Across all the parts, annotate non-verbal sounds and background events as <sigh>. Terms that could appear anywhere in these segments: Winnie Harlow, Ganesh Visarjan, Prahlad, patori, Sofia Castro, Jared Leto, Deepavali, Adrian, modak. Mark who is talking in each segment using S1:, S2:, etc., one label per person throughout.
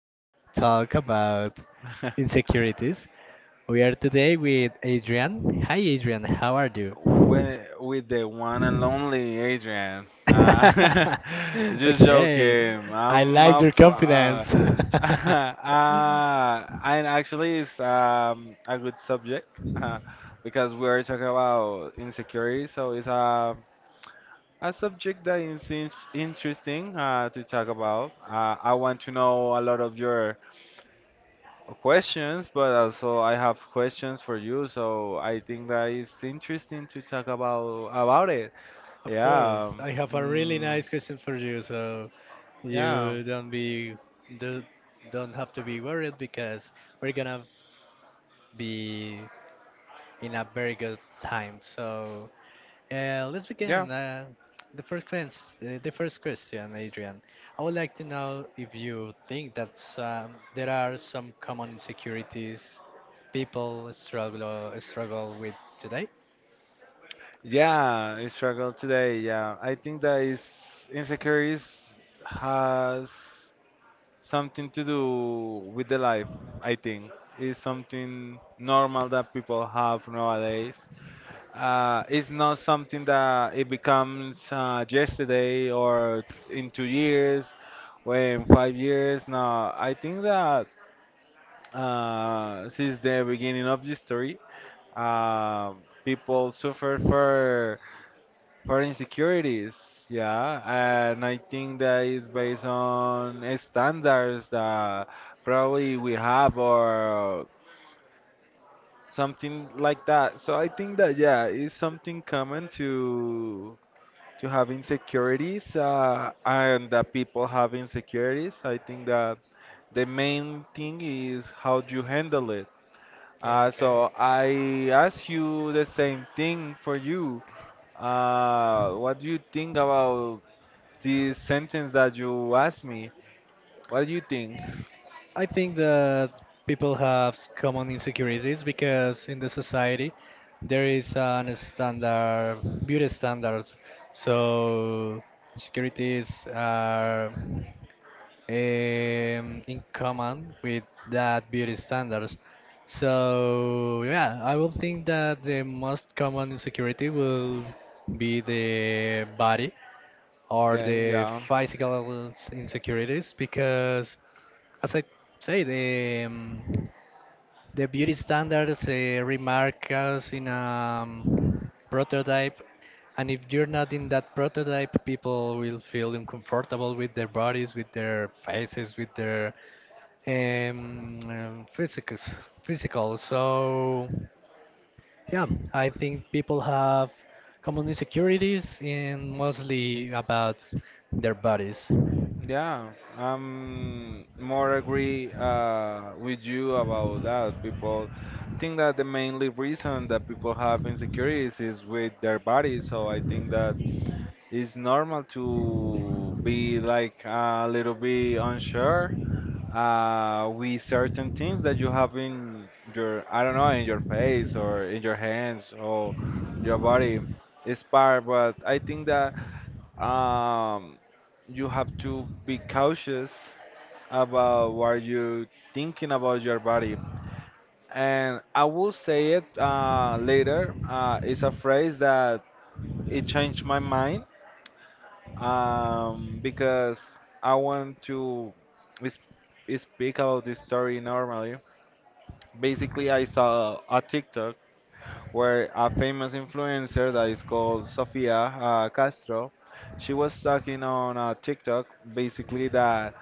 S1: Talk.
S2: talk about
S1: <laughs>
S2: insecurities. We are today with Adrian. Hi, Adrian. How are you?
S1: With the one and lonely Adrian. <laughs>
S2: <laughs>
S1: Just
S2: Okay,
S1: joking.
S2: I
S1: I'm
S2: like
S1: a
S2: your confidence.
S1: <laughs> And actually it's a good subject uh, because we are talking about insecurity, so it's a
S2: <laughs>
S1: a subject that is in interesting to talk about. I want to know a lot of your questions, but also I have questions for you. So I think that it's interesting to talk about it.
S2: Of
S1: Yeah.
S2: course, I have a really
S1: Mm,
S2: nice question for you, so
S1: yeah.
S2: you do, don't have to be worried because we're gonna be in a very good time. So let's
S1: Yeah.
S2: begin. The first question, the first question, Adrian. I would like to know if you think that there are some common insecurities people struggle with today.
S1: Yeah, I struggle today. Yeah. I think that is insecurities has something to do with the life. I think it's something normal that people have nowadays. It's not something that it becomes yesterday or in 2 years or in 5 years. No, I think that since the beginning of history, um people suffer for insecurities. Yeah, and I think that is based on standards that probably we have or something like that. So I think that yeah, it's something common to have insecurities and that people have insecurities. I think that the main thing is how you handle it.
S2: Yeah,
S1: So
S2: okay.
S1: I ask you the same thing for you. What do you think about this sentence that you asked me? What do you think?
S2: I think that people have common insecurities because in the society there is an standard beauty standards. So securities are in common with that beauty standards. So yeah, I will think that the most common insecurity will be the body are
S1: Okay,
S2: the
S1: yeah.
S2: physical insecurities because, as I say, the beauty standards remark us in a prototype, and if you're not in that prototype, people will feel uncomfortable with their bodies, with their faces, with their um, um, physicals, physical. So. Yeah, I think people have common insecurities and mostly about their bodies.
S1: Yeah, I'm more agree with you about that. People think that the mainly reason that people have insecurities is with their body. So I think that it's normal to be like a little bit unsure with certain things that you have in your, I don't know, in your face or in your hands or your body. It's part, but I think that um, you have to be cautious about what you're thinking about your body. And I will say it later. It's a phrase that it changed my mind, because I want to is- speak about this story normally. Basically, I saw a TikTok where a famous influencer that is called Sofia Castro, she was talking on a TikTok basically that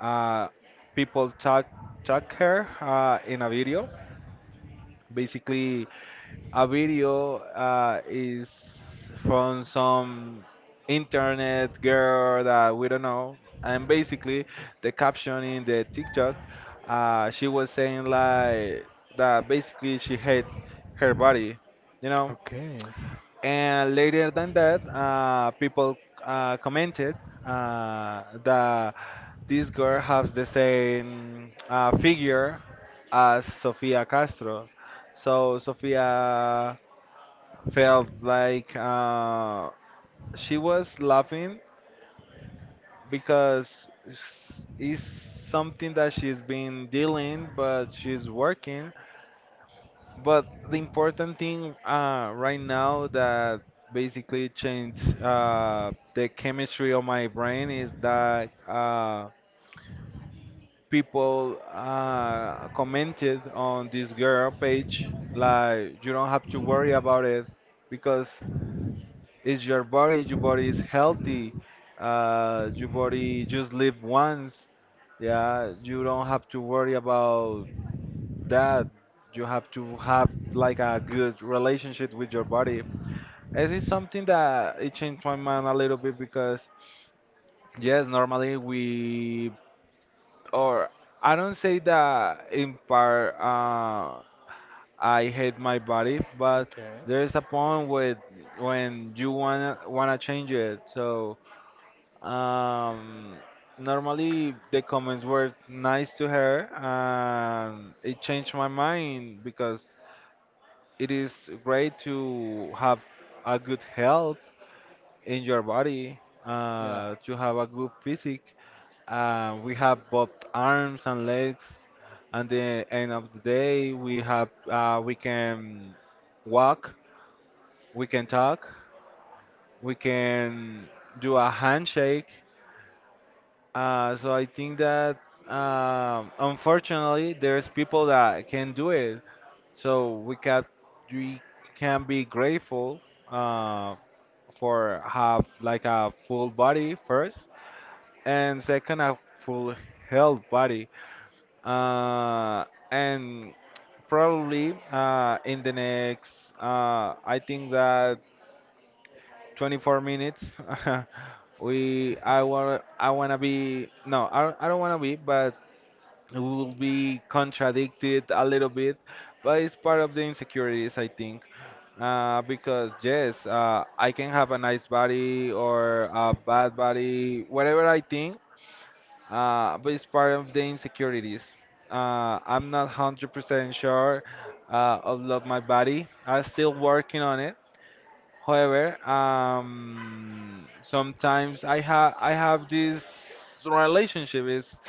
S1: uh, people tag her in a video. Basically, a video is from some internet girl that we don't know. And basically, the caption in the TikTok, she was saying like that basically she hate her body, you know.
S2: Okay.
S1: And later than that, people commented that this girl has the same figure as Sofia Castro. So Sofia felt like she was laughing because it's something that she's been dealing, but she's working. But the important thing right now that basically changed the chemistry of my brain is that people commented on this girl page like you don't have to worry about it because it's your body is healthy, your body just live once. Yeah, you don't have to worry about that. You have to have like a good relationship with your body. This is something that it changed my mind a little bit because yes, normally we or I don't say that in part, I hate my body, but
S2: Okay.
S1: there is a point with when you wanna change it. So um, normally the comments were nice to her, and it changed my mind because it is great to have a good health in your body,
S2: Yeah.
S1: to have a good physique. We have both arms and legs. At the end of the day, we have we can walk, we can talk, we can do a handshake. So I think that unfortunately, there's people that can do it. So we can be grateful uh, for have like a full body first, and second a full health body, uh, and probably in the next, I think that, 24 minutes. <laughs> we I want to be, no, I don't want to be, but we will be contradicted a little bit, but it's part of the insecurities, I think. Because yes, I can have a nice body or a bad body, whatever I think, but it's part of the insecurities. I'm not 100% sure of love my body. I'm still working on it. However, sometimes I have this relationship. It's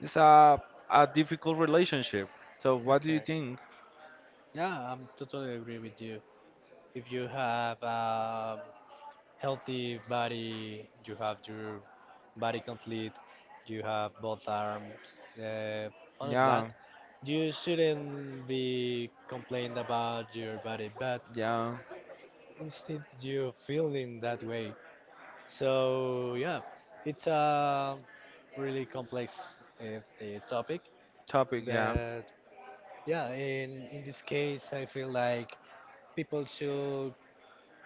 S1: it's a difficult relationship. So what do you
S2: Okay.
S1: think?
S2: Yeah, I'm totally agree with you. If you have healthy body. You have your body complete. You have both arms. All of
S1: Yeah,
S2: that. You shouldn't be complaining about your body, but
S1: yeah.
S2: instead you feeling that way. So yeah, it's a really complex topic,
S1: Topic, yeah,
S2: but yeah, in this case, I feel like people should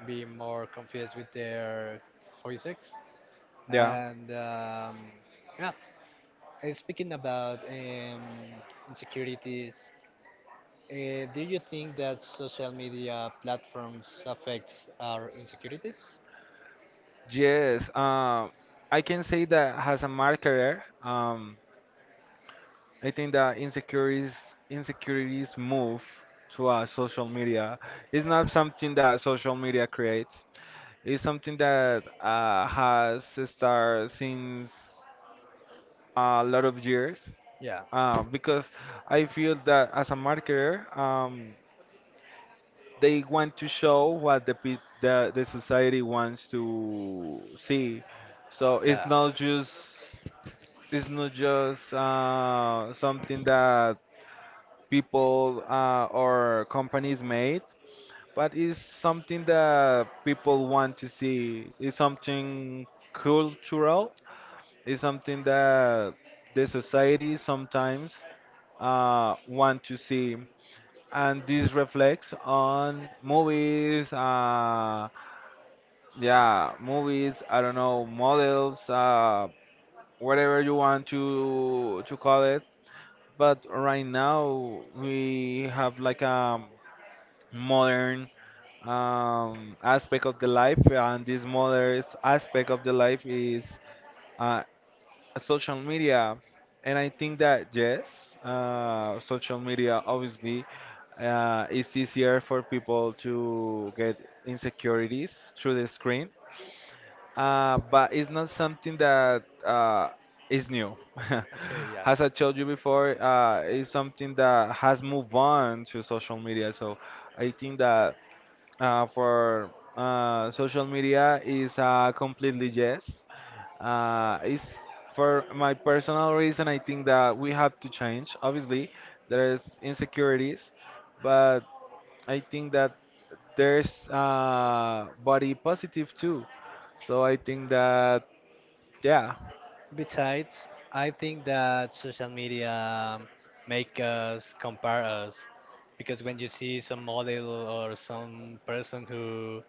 S2: be more confused with their physics.
S1: yeah.
S2: And yeah, speaking about insecurities, do you think that social media platforms affects our insecurities?
S1: Yes. I can say that as a marketer, I think that insecurities move to social media. It's not something that social media creates. It's something that has started since a lot of years.
S2: Yeah,
S1: Because I feel that as a marketer, they want to show what the, pe- the society wants to see. So it's
S2: yeah.
S1: not just it's not just something that people, or companies made, but it's something that people want to see. It's something cultural. It's something that the society sometimes want to see. And this reflects on movies, yeah, movies, I don't know, models, whatever you want to call it. But right now we have like a modern, aspect of the life, and this modern aspect of the life is uh, social media. And I think that yes, social media obviously, it's easier for people to get insecurities through the screen, but it's not something that is new. <laughs>
S2: Okay, yeah.
S1: As I told you before, it's something that has moved on to social media. So I think that for social media is, completely, yes. It's for my personal reason. I think that we have to change. Obviously, there's insecurities, but I think that there's, body positive too. So I think that yeah.
S2: Besides, I think that social media make us compare us because when you see some model or some person who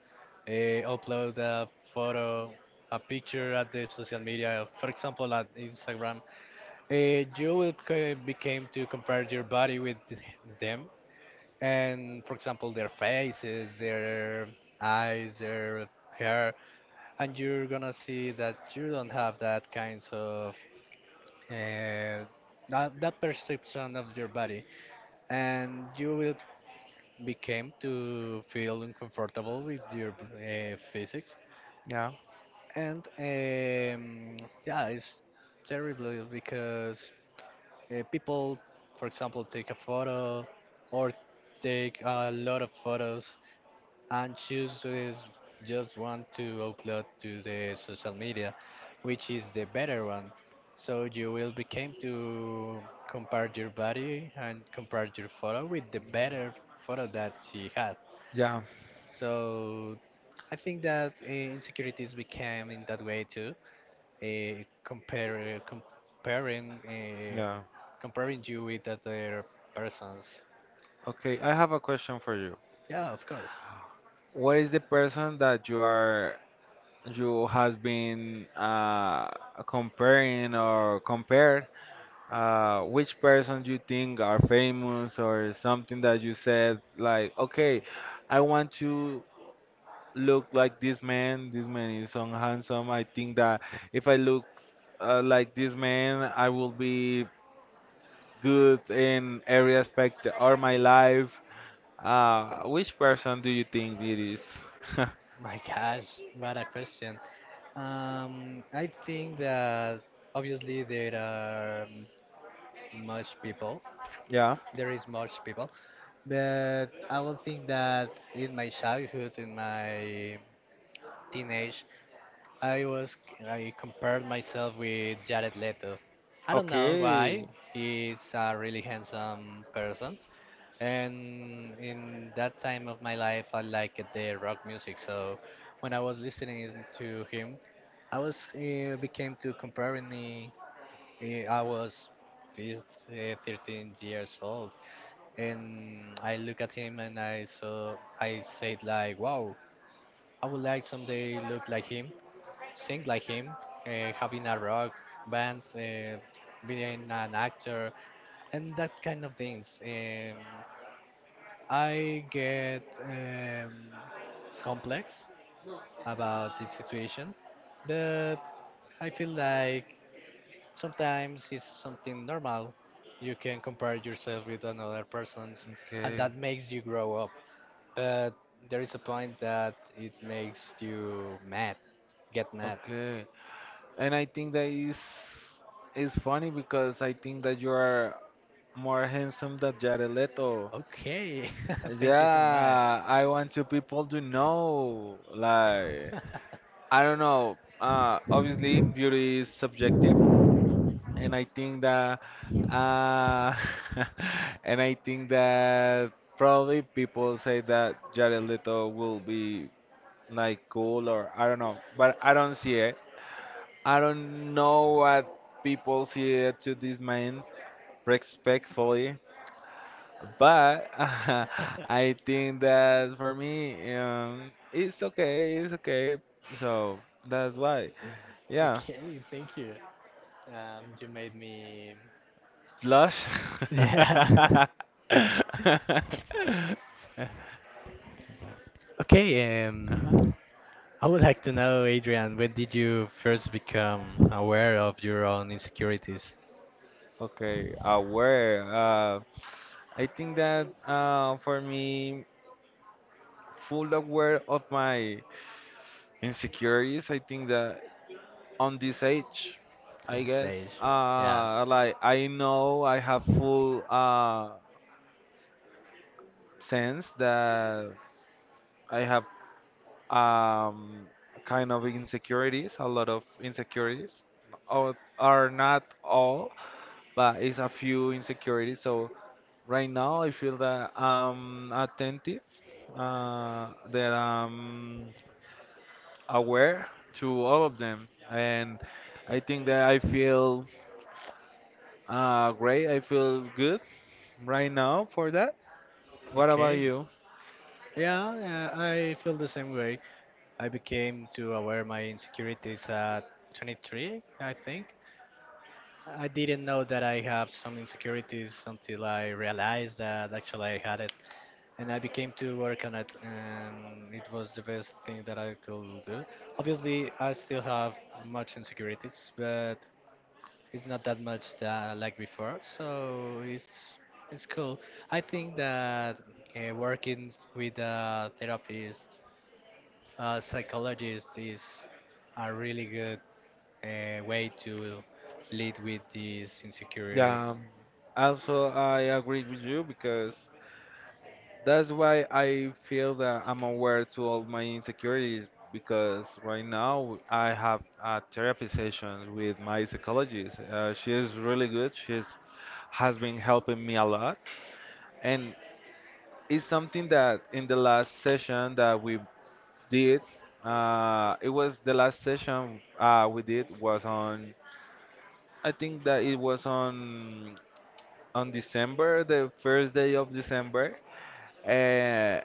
S2: upload a photo, a picture at the social media, for example at Instagram, you will become to compare your body with them and for example their faces, their eyes, their hair, and you're gonna see that you don't have that kinds of uh, that perception of your body and you will become to feel uncomfortable with your physics
S1: Yeah.
S2: and yeah, it's terrible because people for example take a photo or take a lot of photos and chooses just one to upload to the social media, which is the better one. So you will become to compare your body and compare your photo with the better photo that she had.
S1: Yeah,
S2: So I think that insecurities became in that way too. Comparing,
S1: yeah.
S2: comparing you with other persons.
S1: Okay, I have a question for you.
S2: Yeah, of course.
S1: What is the person that you are? You has been comparing or compared, which person you think are famous or something that you said like, okay, I want to look like this man. This man is so handsome, I think that if I look like this man I will be good in every aspect of my life. Uh, which person do you think it is?
S2: My gosh, what a question. I think that obviously there are much people.
S1: <laughs> Yeah.
S2: There is much people, but I will think that in my childhood, in my teenage, I was I compared myself with Jared Leto. I don't know
S1: Okay.
S2: why. He's a really handsome person, and in that time of my life, I liked the rock music. So when I was listening to him, I was became to comparing me. Uh, I was 13 years old, and I look at him and I saw. I said like, "Wow, I would like someday look like him, sing like him, having a rock band, being an actor, and that kind of things." I get complex about the situation, but I feel like sometimes it's something normal. You can compare yourself with another person's, and
S1: Okay.
S2: that makes you grow up. But there is a point that it makes you mad, get mad.
S1: Okay, and I think that is funny because I think that you are more handsome than Jared Leto.
S2: Okay, <laughs> thank you so much.
S1: Yeah, I want you people to know. Like, I don't know. Obviously, beauty is subjective, and I think that, uh, <laughs> and I think that probably people say that Jared Leto will be like cool, or I don't know, but I don't see it. I don't know what people see to this man, respectfully, but <laughs> I
S2: <laughs>
S1: think that for me, it's okay, it's okay. So that's why. Yeah,
S2: Okay, thank you. You made me. <laughs>
S1: blush. <laughs>
S2: Yeah. <laughs> Okay.
S1: Uh-huh.
S2: I would like to know, Adrian, when did you first become aware of your own insecurities
S1: Okay, aware. I think that for me, full aware of my insecurities. I think that on this age,
S2: in
S1: I
S2: this
S1: guess.
S2: age? Yeah.
S1: Like I know I have full, sense that I have, um, kind of insecurities, a lot of insecurities. Or are not all, but it's a few insecurities. So right now I feel that I'm attentive, that I'm aware to all of them, and I think that I feel, great. I feel good right now for that. What about
S2: Okay.
S1: you?
S2: Yeah, I feel the same way. I became to aware my insecurities at 23, I think. I didn't know that I have some insecurities until I realized that actually I had it, and I became to work on it, and it was the best thing that I could do. Obviously, I still have much insecurities, but it's not that much that like before, so it's cool. I think that working with a therapist, a psychologist is a really good way to lead with these
S1: Yeah,
S2: insecurities.
S1: also I agree with you because that's why I feel that I'm aware to all my insecurities, because right now I have a therapy sessions with my psychologist. She is really good. She's has been helping me a lot, and it's something that in the last session that we did. It was the last session we did was on, I think that it was on, December, the first day of December. uh,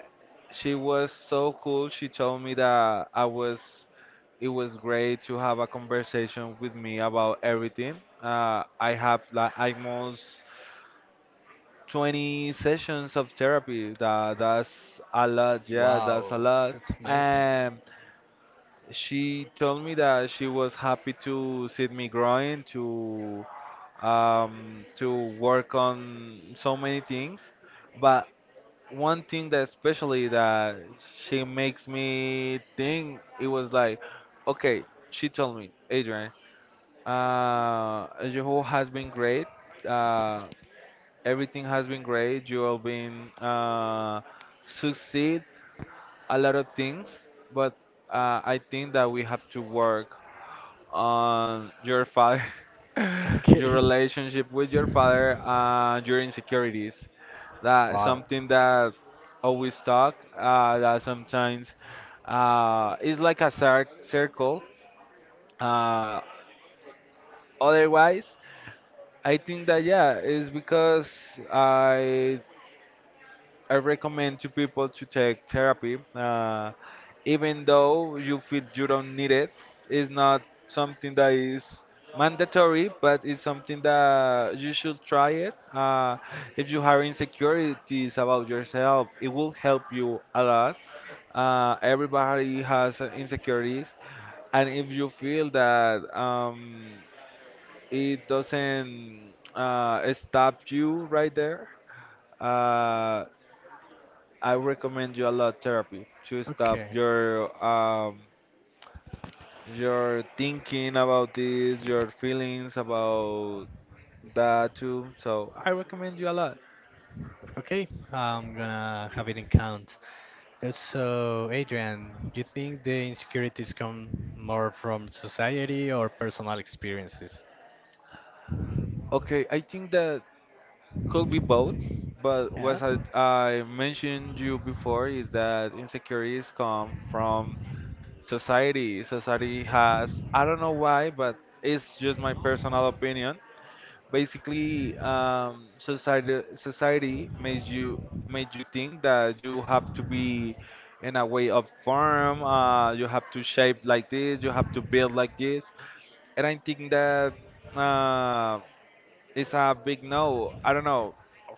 S1: she was so cool. She told me that I was. It was great to have a conversation with me about everything. I have like almost 20 sessions of therapy. That's a lot. Yeah, that's a
S2: Wow,
S1: lot.
S2: that's amazing.
S1: And she told me that she was happy to see me growing, to, to work on so many things, but one thing that especially that she makes me think, it was like, okay, she told me, Adrian, your whole has been great, uh everything has been great, you have been, succeed a lot of things, but, I think that we have to work on your father,
S2: <laughs>
S1: <laughs>
S2: Okay.
S1: your relationship with your father, and your insecurities. That's
S2: Wow.
S1: something that always talk. That sometimes, is like a circle. Uh, otherwise, I think that yeah, it's because I I recommend to people to take therapy, even though you feel you don't need it. It's not something that is mandatory, but it's something that you should try it. If you have insecurities about yourself, it will help you a lot. Everybody has, insecurities, and if you feel that, it doesn't, stop you right there. Uh, I recommend you a lot therapy to stop
S2: Okay.
S1: your thinking about this, your feelings about that too. So I recommend you a lot.
S2: Okay. I'm gonna have it in count. So, Adrian, do you think the insecurities come more from society or personal experiences?
S1: Okay, I think that could be both, but
S2: Yeah.
S1: what I mentioned you before is that insecurities come from society. Society has I don't know why, but it's just my personal opinion basically, society makes you made you think that you have to be in a way of form, you have to shape like this, you have to build like this, and I think that uh, it's a big no. I don't know,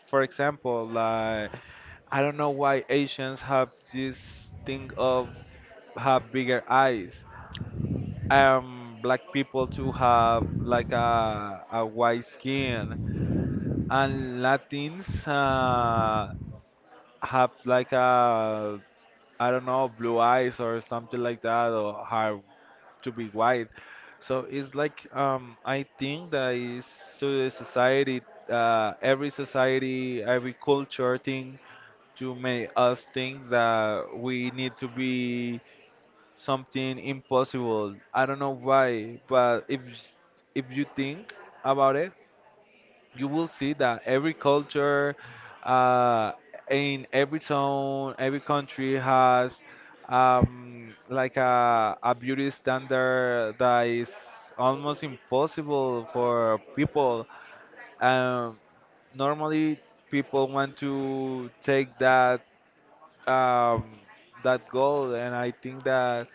S1: for example, like I don't know why Asians have this thing of have bigger eyes, black people to have like a white skin, and Latins have like a, I don't know, blue eyes or something like that, or have to be white. So it's like, I think that is to the society, every society, every culture thing to make us think that we need to be something impossible. I don't know why, but if you think about it, you will see that every culture uh, in every town, every country has, like a beauty standard that is almost impossible for people. Um, normally, people want to take that, um, that goal, and I think that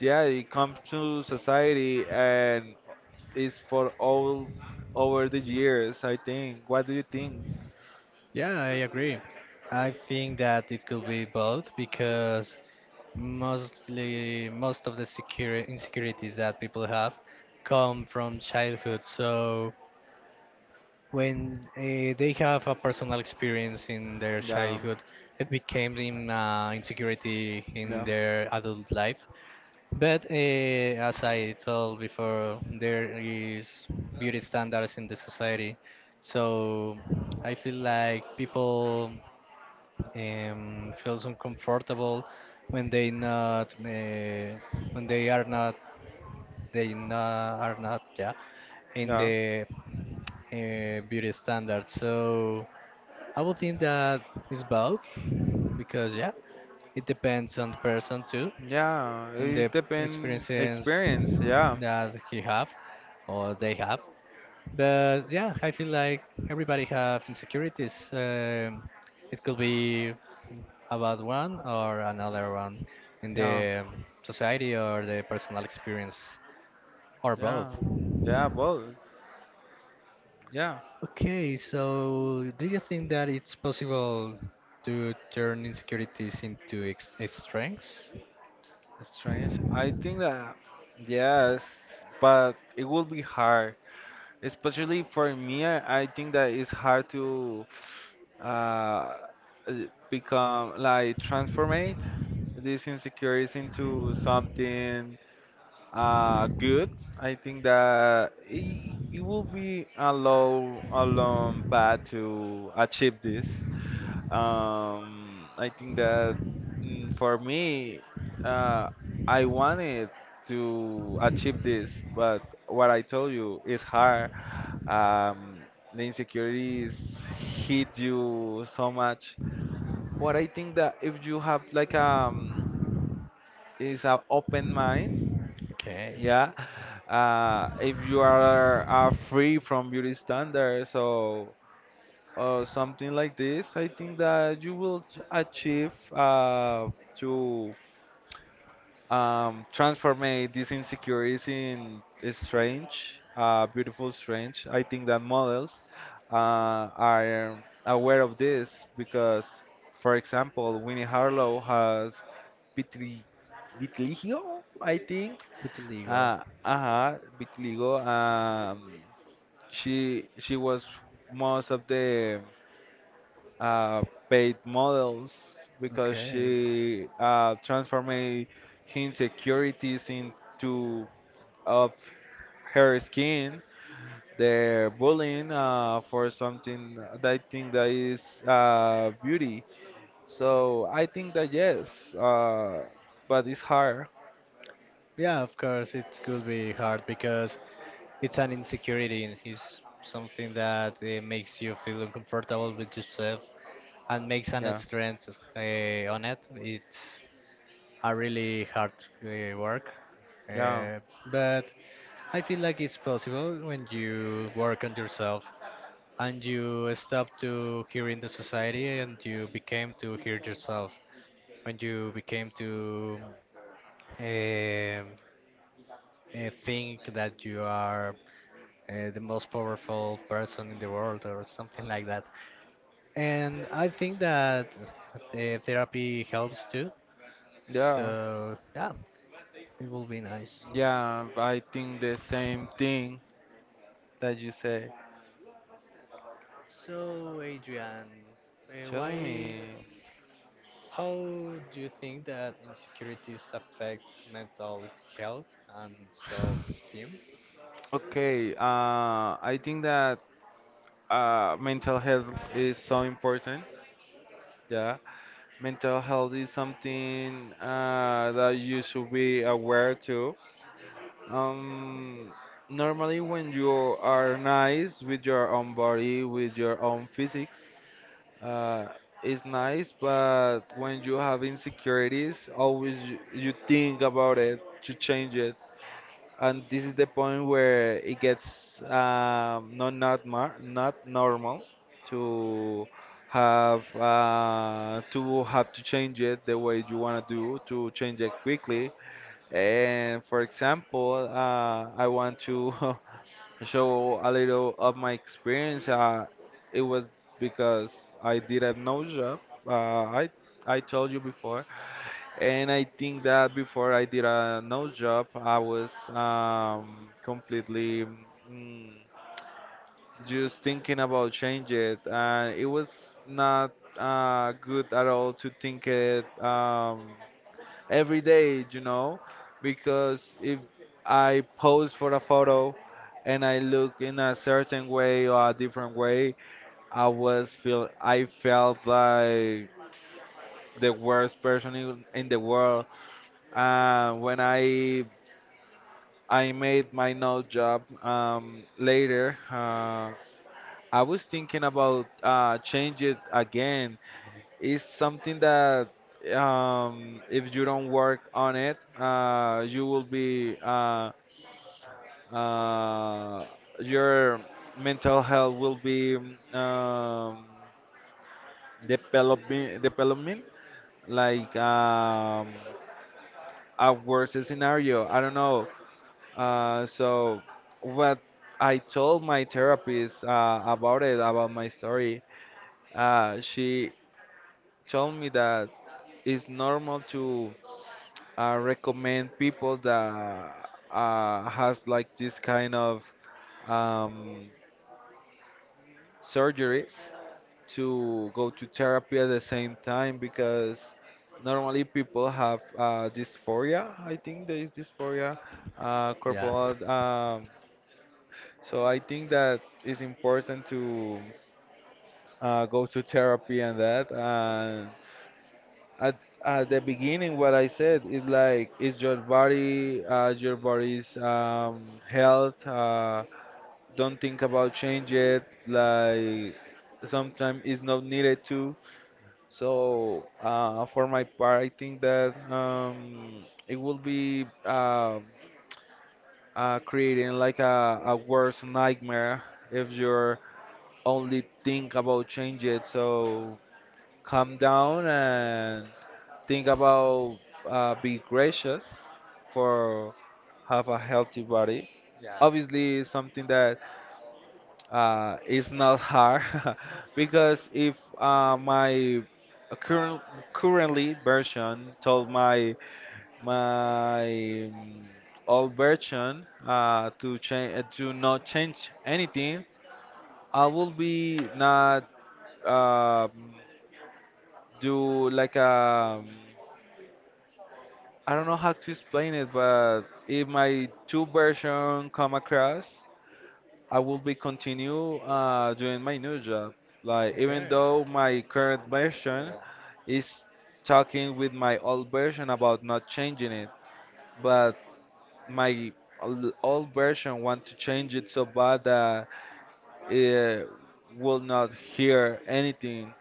S1: yeah, it comes to society and is for all over the years, I think. What do you think?
S2: Yeah, I agree. I think that it could be both because most of the secure insecurities that people have come from childhood. So when they have a personal experience in their
S1: Yeah,
S2: childhood, it became in, insecurity in
S1: yeah,
S2: their adult life. But as I told before, there is beauty standards in the society. So I feel like people feels uncomfortable when they not when they are not they not, are not, yeah, in
S1: yeah,
S2: the beauty standard. So I would think that it's both because yeah, it depends on the person too,
S1: yeah.
S2: in
S1: It's
S2: the
S1: depend
S2: experiences
S1: experience. Yeah,
S2: that he have or they have. But yeah, I feel like everybody have insecurities. It could be about one or another one in
S1: yeah,
S2: the society or the personal experience or both.
S1: yeah, yeah. Both. Yeah,
S2: Okay, so do you think that it's possible to turn insecurities into strengths?
S1: strange. I think that yes, but it will be hard. Especially for me, I think that it's hard to uh, uh, become like transformate these insecurities into something good. I think that it will be a long path to achieve this. I think that, for me, uh, I wanted to achieve this, but what I told you is hard. Um, the insecurities hit you so much. But I think that if you have like is an open mind,
S2: Okay,
S1: yeah, if you are free from beauty standards, so or something like this, I think that you will achieve to, transform these insecurities in strange, beautiful strange. I think that models uh, are aware of this because, for example, Winnie Harlow has vitri vitiligo, I think.
S2: it's illegal.
S1: Uh, vitiligo. She was most of the uh, paid models because
S2: Okay.
S1: she transformed insecurities into of her skin. The bullying for something that I think that is beauty. So I think that yes, uh, but it's hard.
S2: Yeah, of course, it could be hard because it's an insecurity and it's something that makes you feel uncomfortable with yourself and makes an
S1: Yeah,
S2: strength on it. It's a really hard work,
S1: yeah,
S2: uh, but I feel like it's possible when you work on yourself and you stop to hearing the society and you became to hear yourself. When you became to um, think that you are the most powerful person in the world or something like that. And I think that therapy helps too.
S1: yeah,
S2: So yeah, it will be nice.
S1: yeah. I think the same thing that you say.
S2: So, Adrian, uh,
S1: Tell
S2: why,
S1: me.
S2: how do you think that insecurities affect mental health and self-esteem?
S1: Okay, I think that mental health is so important. Yeah, mental health is something that you should be aware to. Um, normally, when you are nice with your own body, with your own physics, uh, it's nice. But when you have insecurities, always you think about it to change it, and this is the point where it gets, not not normal to have to have to change it the way you want to do, to change it quickly. And for example, I want to <laughs> show a little of my experience. It was because I did a no job. uh, i I told you before, and I think that before I did a no job, I was, completely, mm, just thinking about change it, and it was not good at all to think it, every day, you know, because if I pose for a photo and I look in a certain way or a different way, I was feel I felt like the worst person in the world. When I made my new job, later, I was thinking about change it again. It's something that, if you don't work on it, uh, your mental health will be, um, developing development like, a worse scenario, I don't know. So what I told my therapist about it, about my story, she told me that it's normal to recommend people that has like this kind of, um, surgeries, to go to therapy at the same time, because normally people have dysphoria. I think there is dysphoria,
S2: Yeah,
S1: corporal, um. So I think that it's important to go to therapy and that. And at, at the beginning, what I said is like, it's your body, your body's, health. Don't think about change it. Like sometimes it's not needed to. So for my part, I think that, it will be creating like a worse nightmare if you're only think about change it. So calm down and think about be gracious for have a healthy body.
S2: yeah,
S1: Obviously, it's something that is not hard <laughs> because if my current currently version told my my, old version, to change to not change anything, I will be not, um, do like a, I don't know how to explain it, but if my two version come across, I will be continue doing my new job. Like even
S2: okay,
S1: though my current version
S2: yeah.
S1: is talking with my old version about not changing it, but my old version want to change it so bad that it will not hear anything.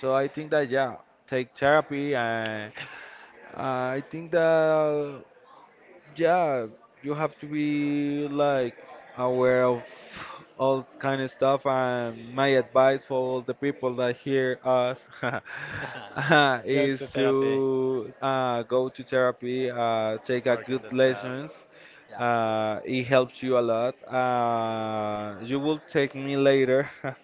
S1: So I think that yeah, take therapy and I think that yeah, you have to be like aware of all kind of stuff. And my advice for all the people that hear us
S2: <laughs> Let's
S1: <laughs>
S2: go
S1: is
S2: to therapy,
S1: to go to therapy, take a
S2: work on the
S1: good
S2: stuff.
S1: lessons.
S2: Yeah,
S1: It helps you a lot. You will take me later <laughs>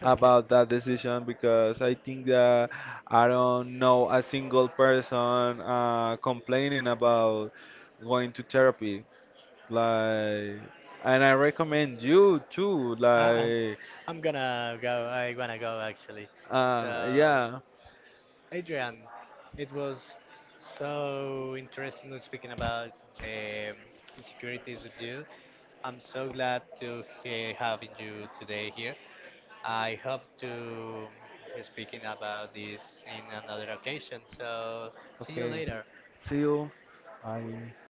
S2: <laughs> okay.
S1: about that decision, because I think that I don't know a single person complaining about going to therapy. Like, and I recommend you too.
S2: <laughs> I,
S1: Like,
S2: I'm gonna go. I wanna go actually. So,
S1: yeah.
S2: Adrian, it was so interesting speaking about um, insecurities with you. I'm so glad to having you today here. I hope to speaking about this in another occasion. So, see you
S1: Okay,
S2: later.
S1: see you. Bye.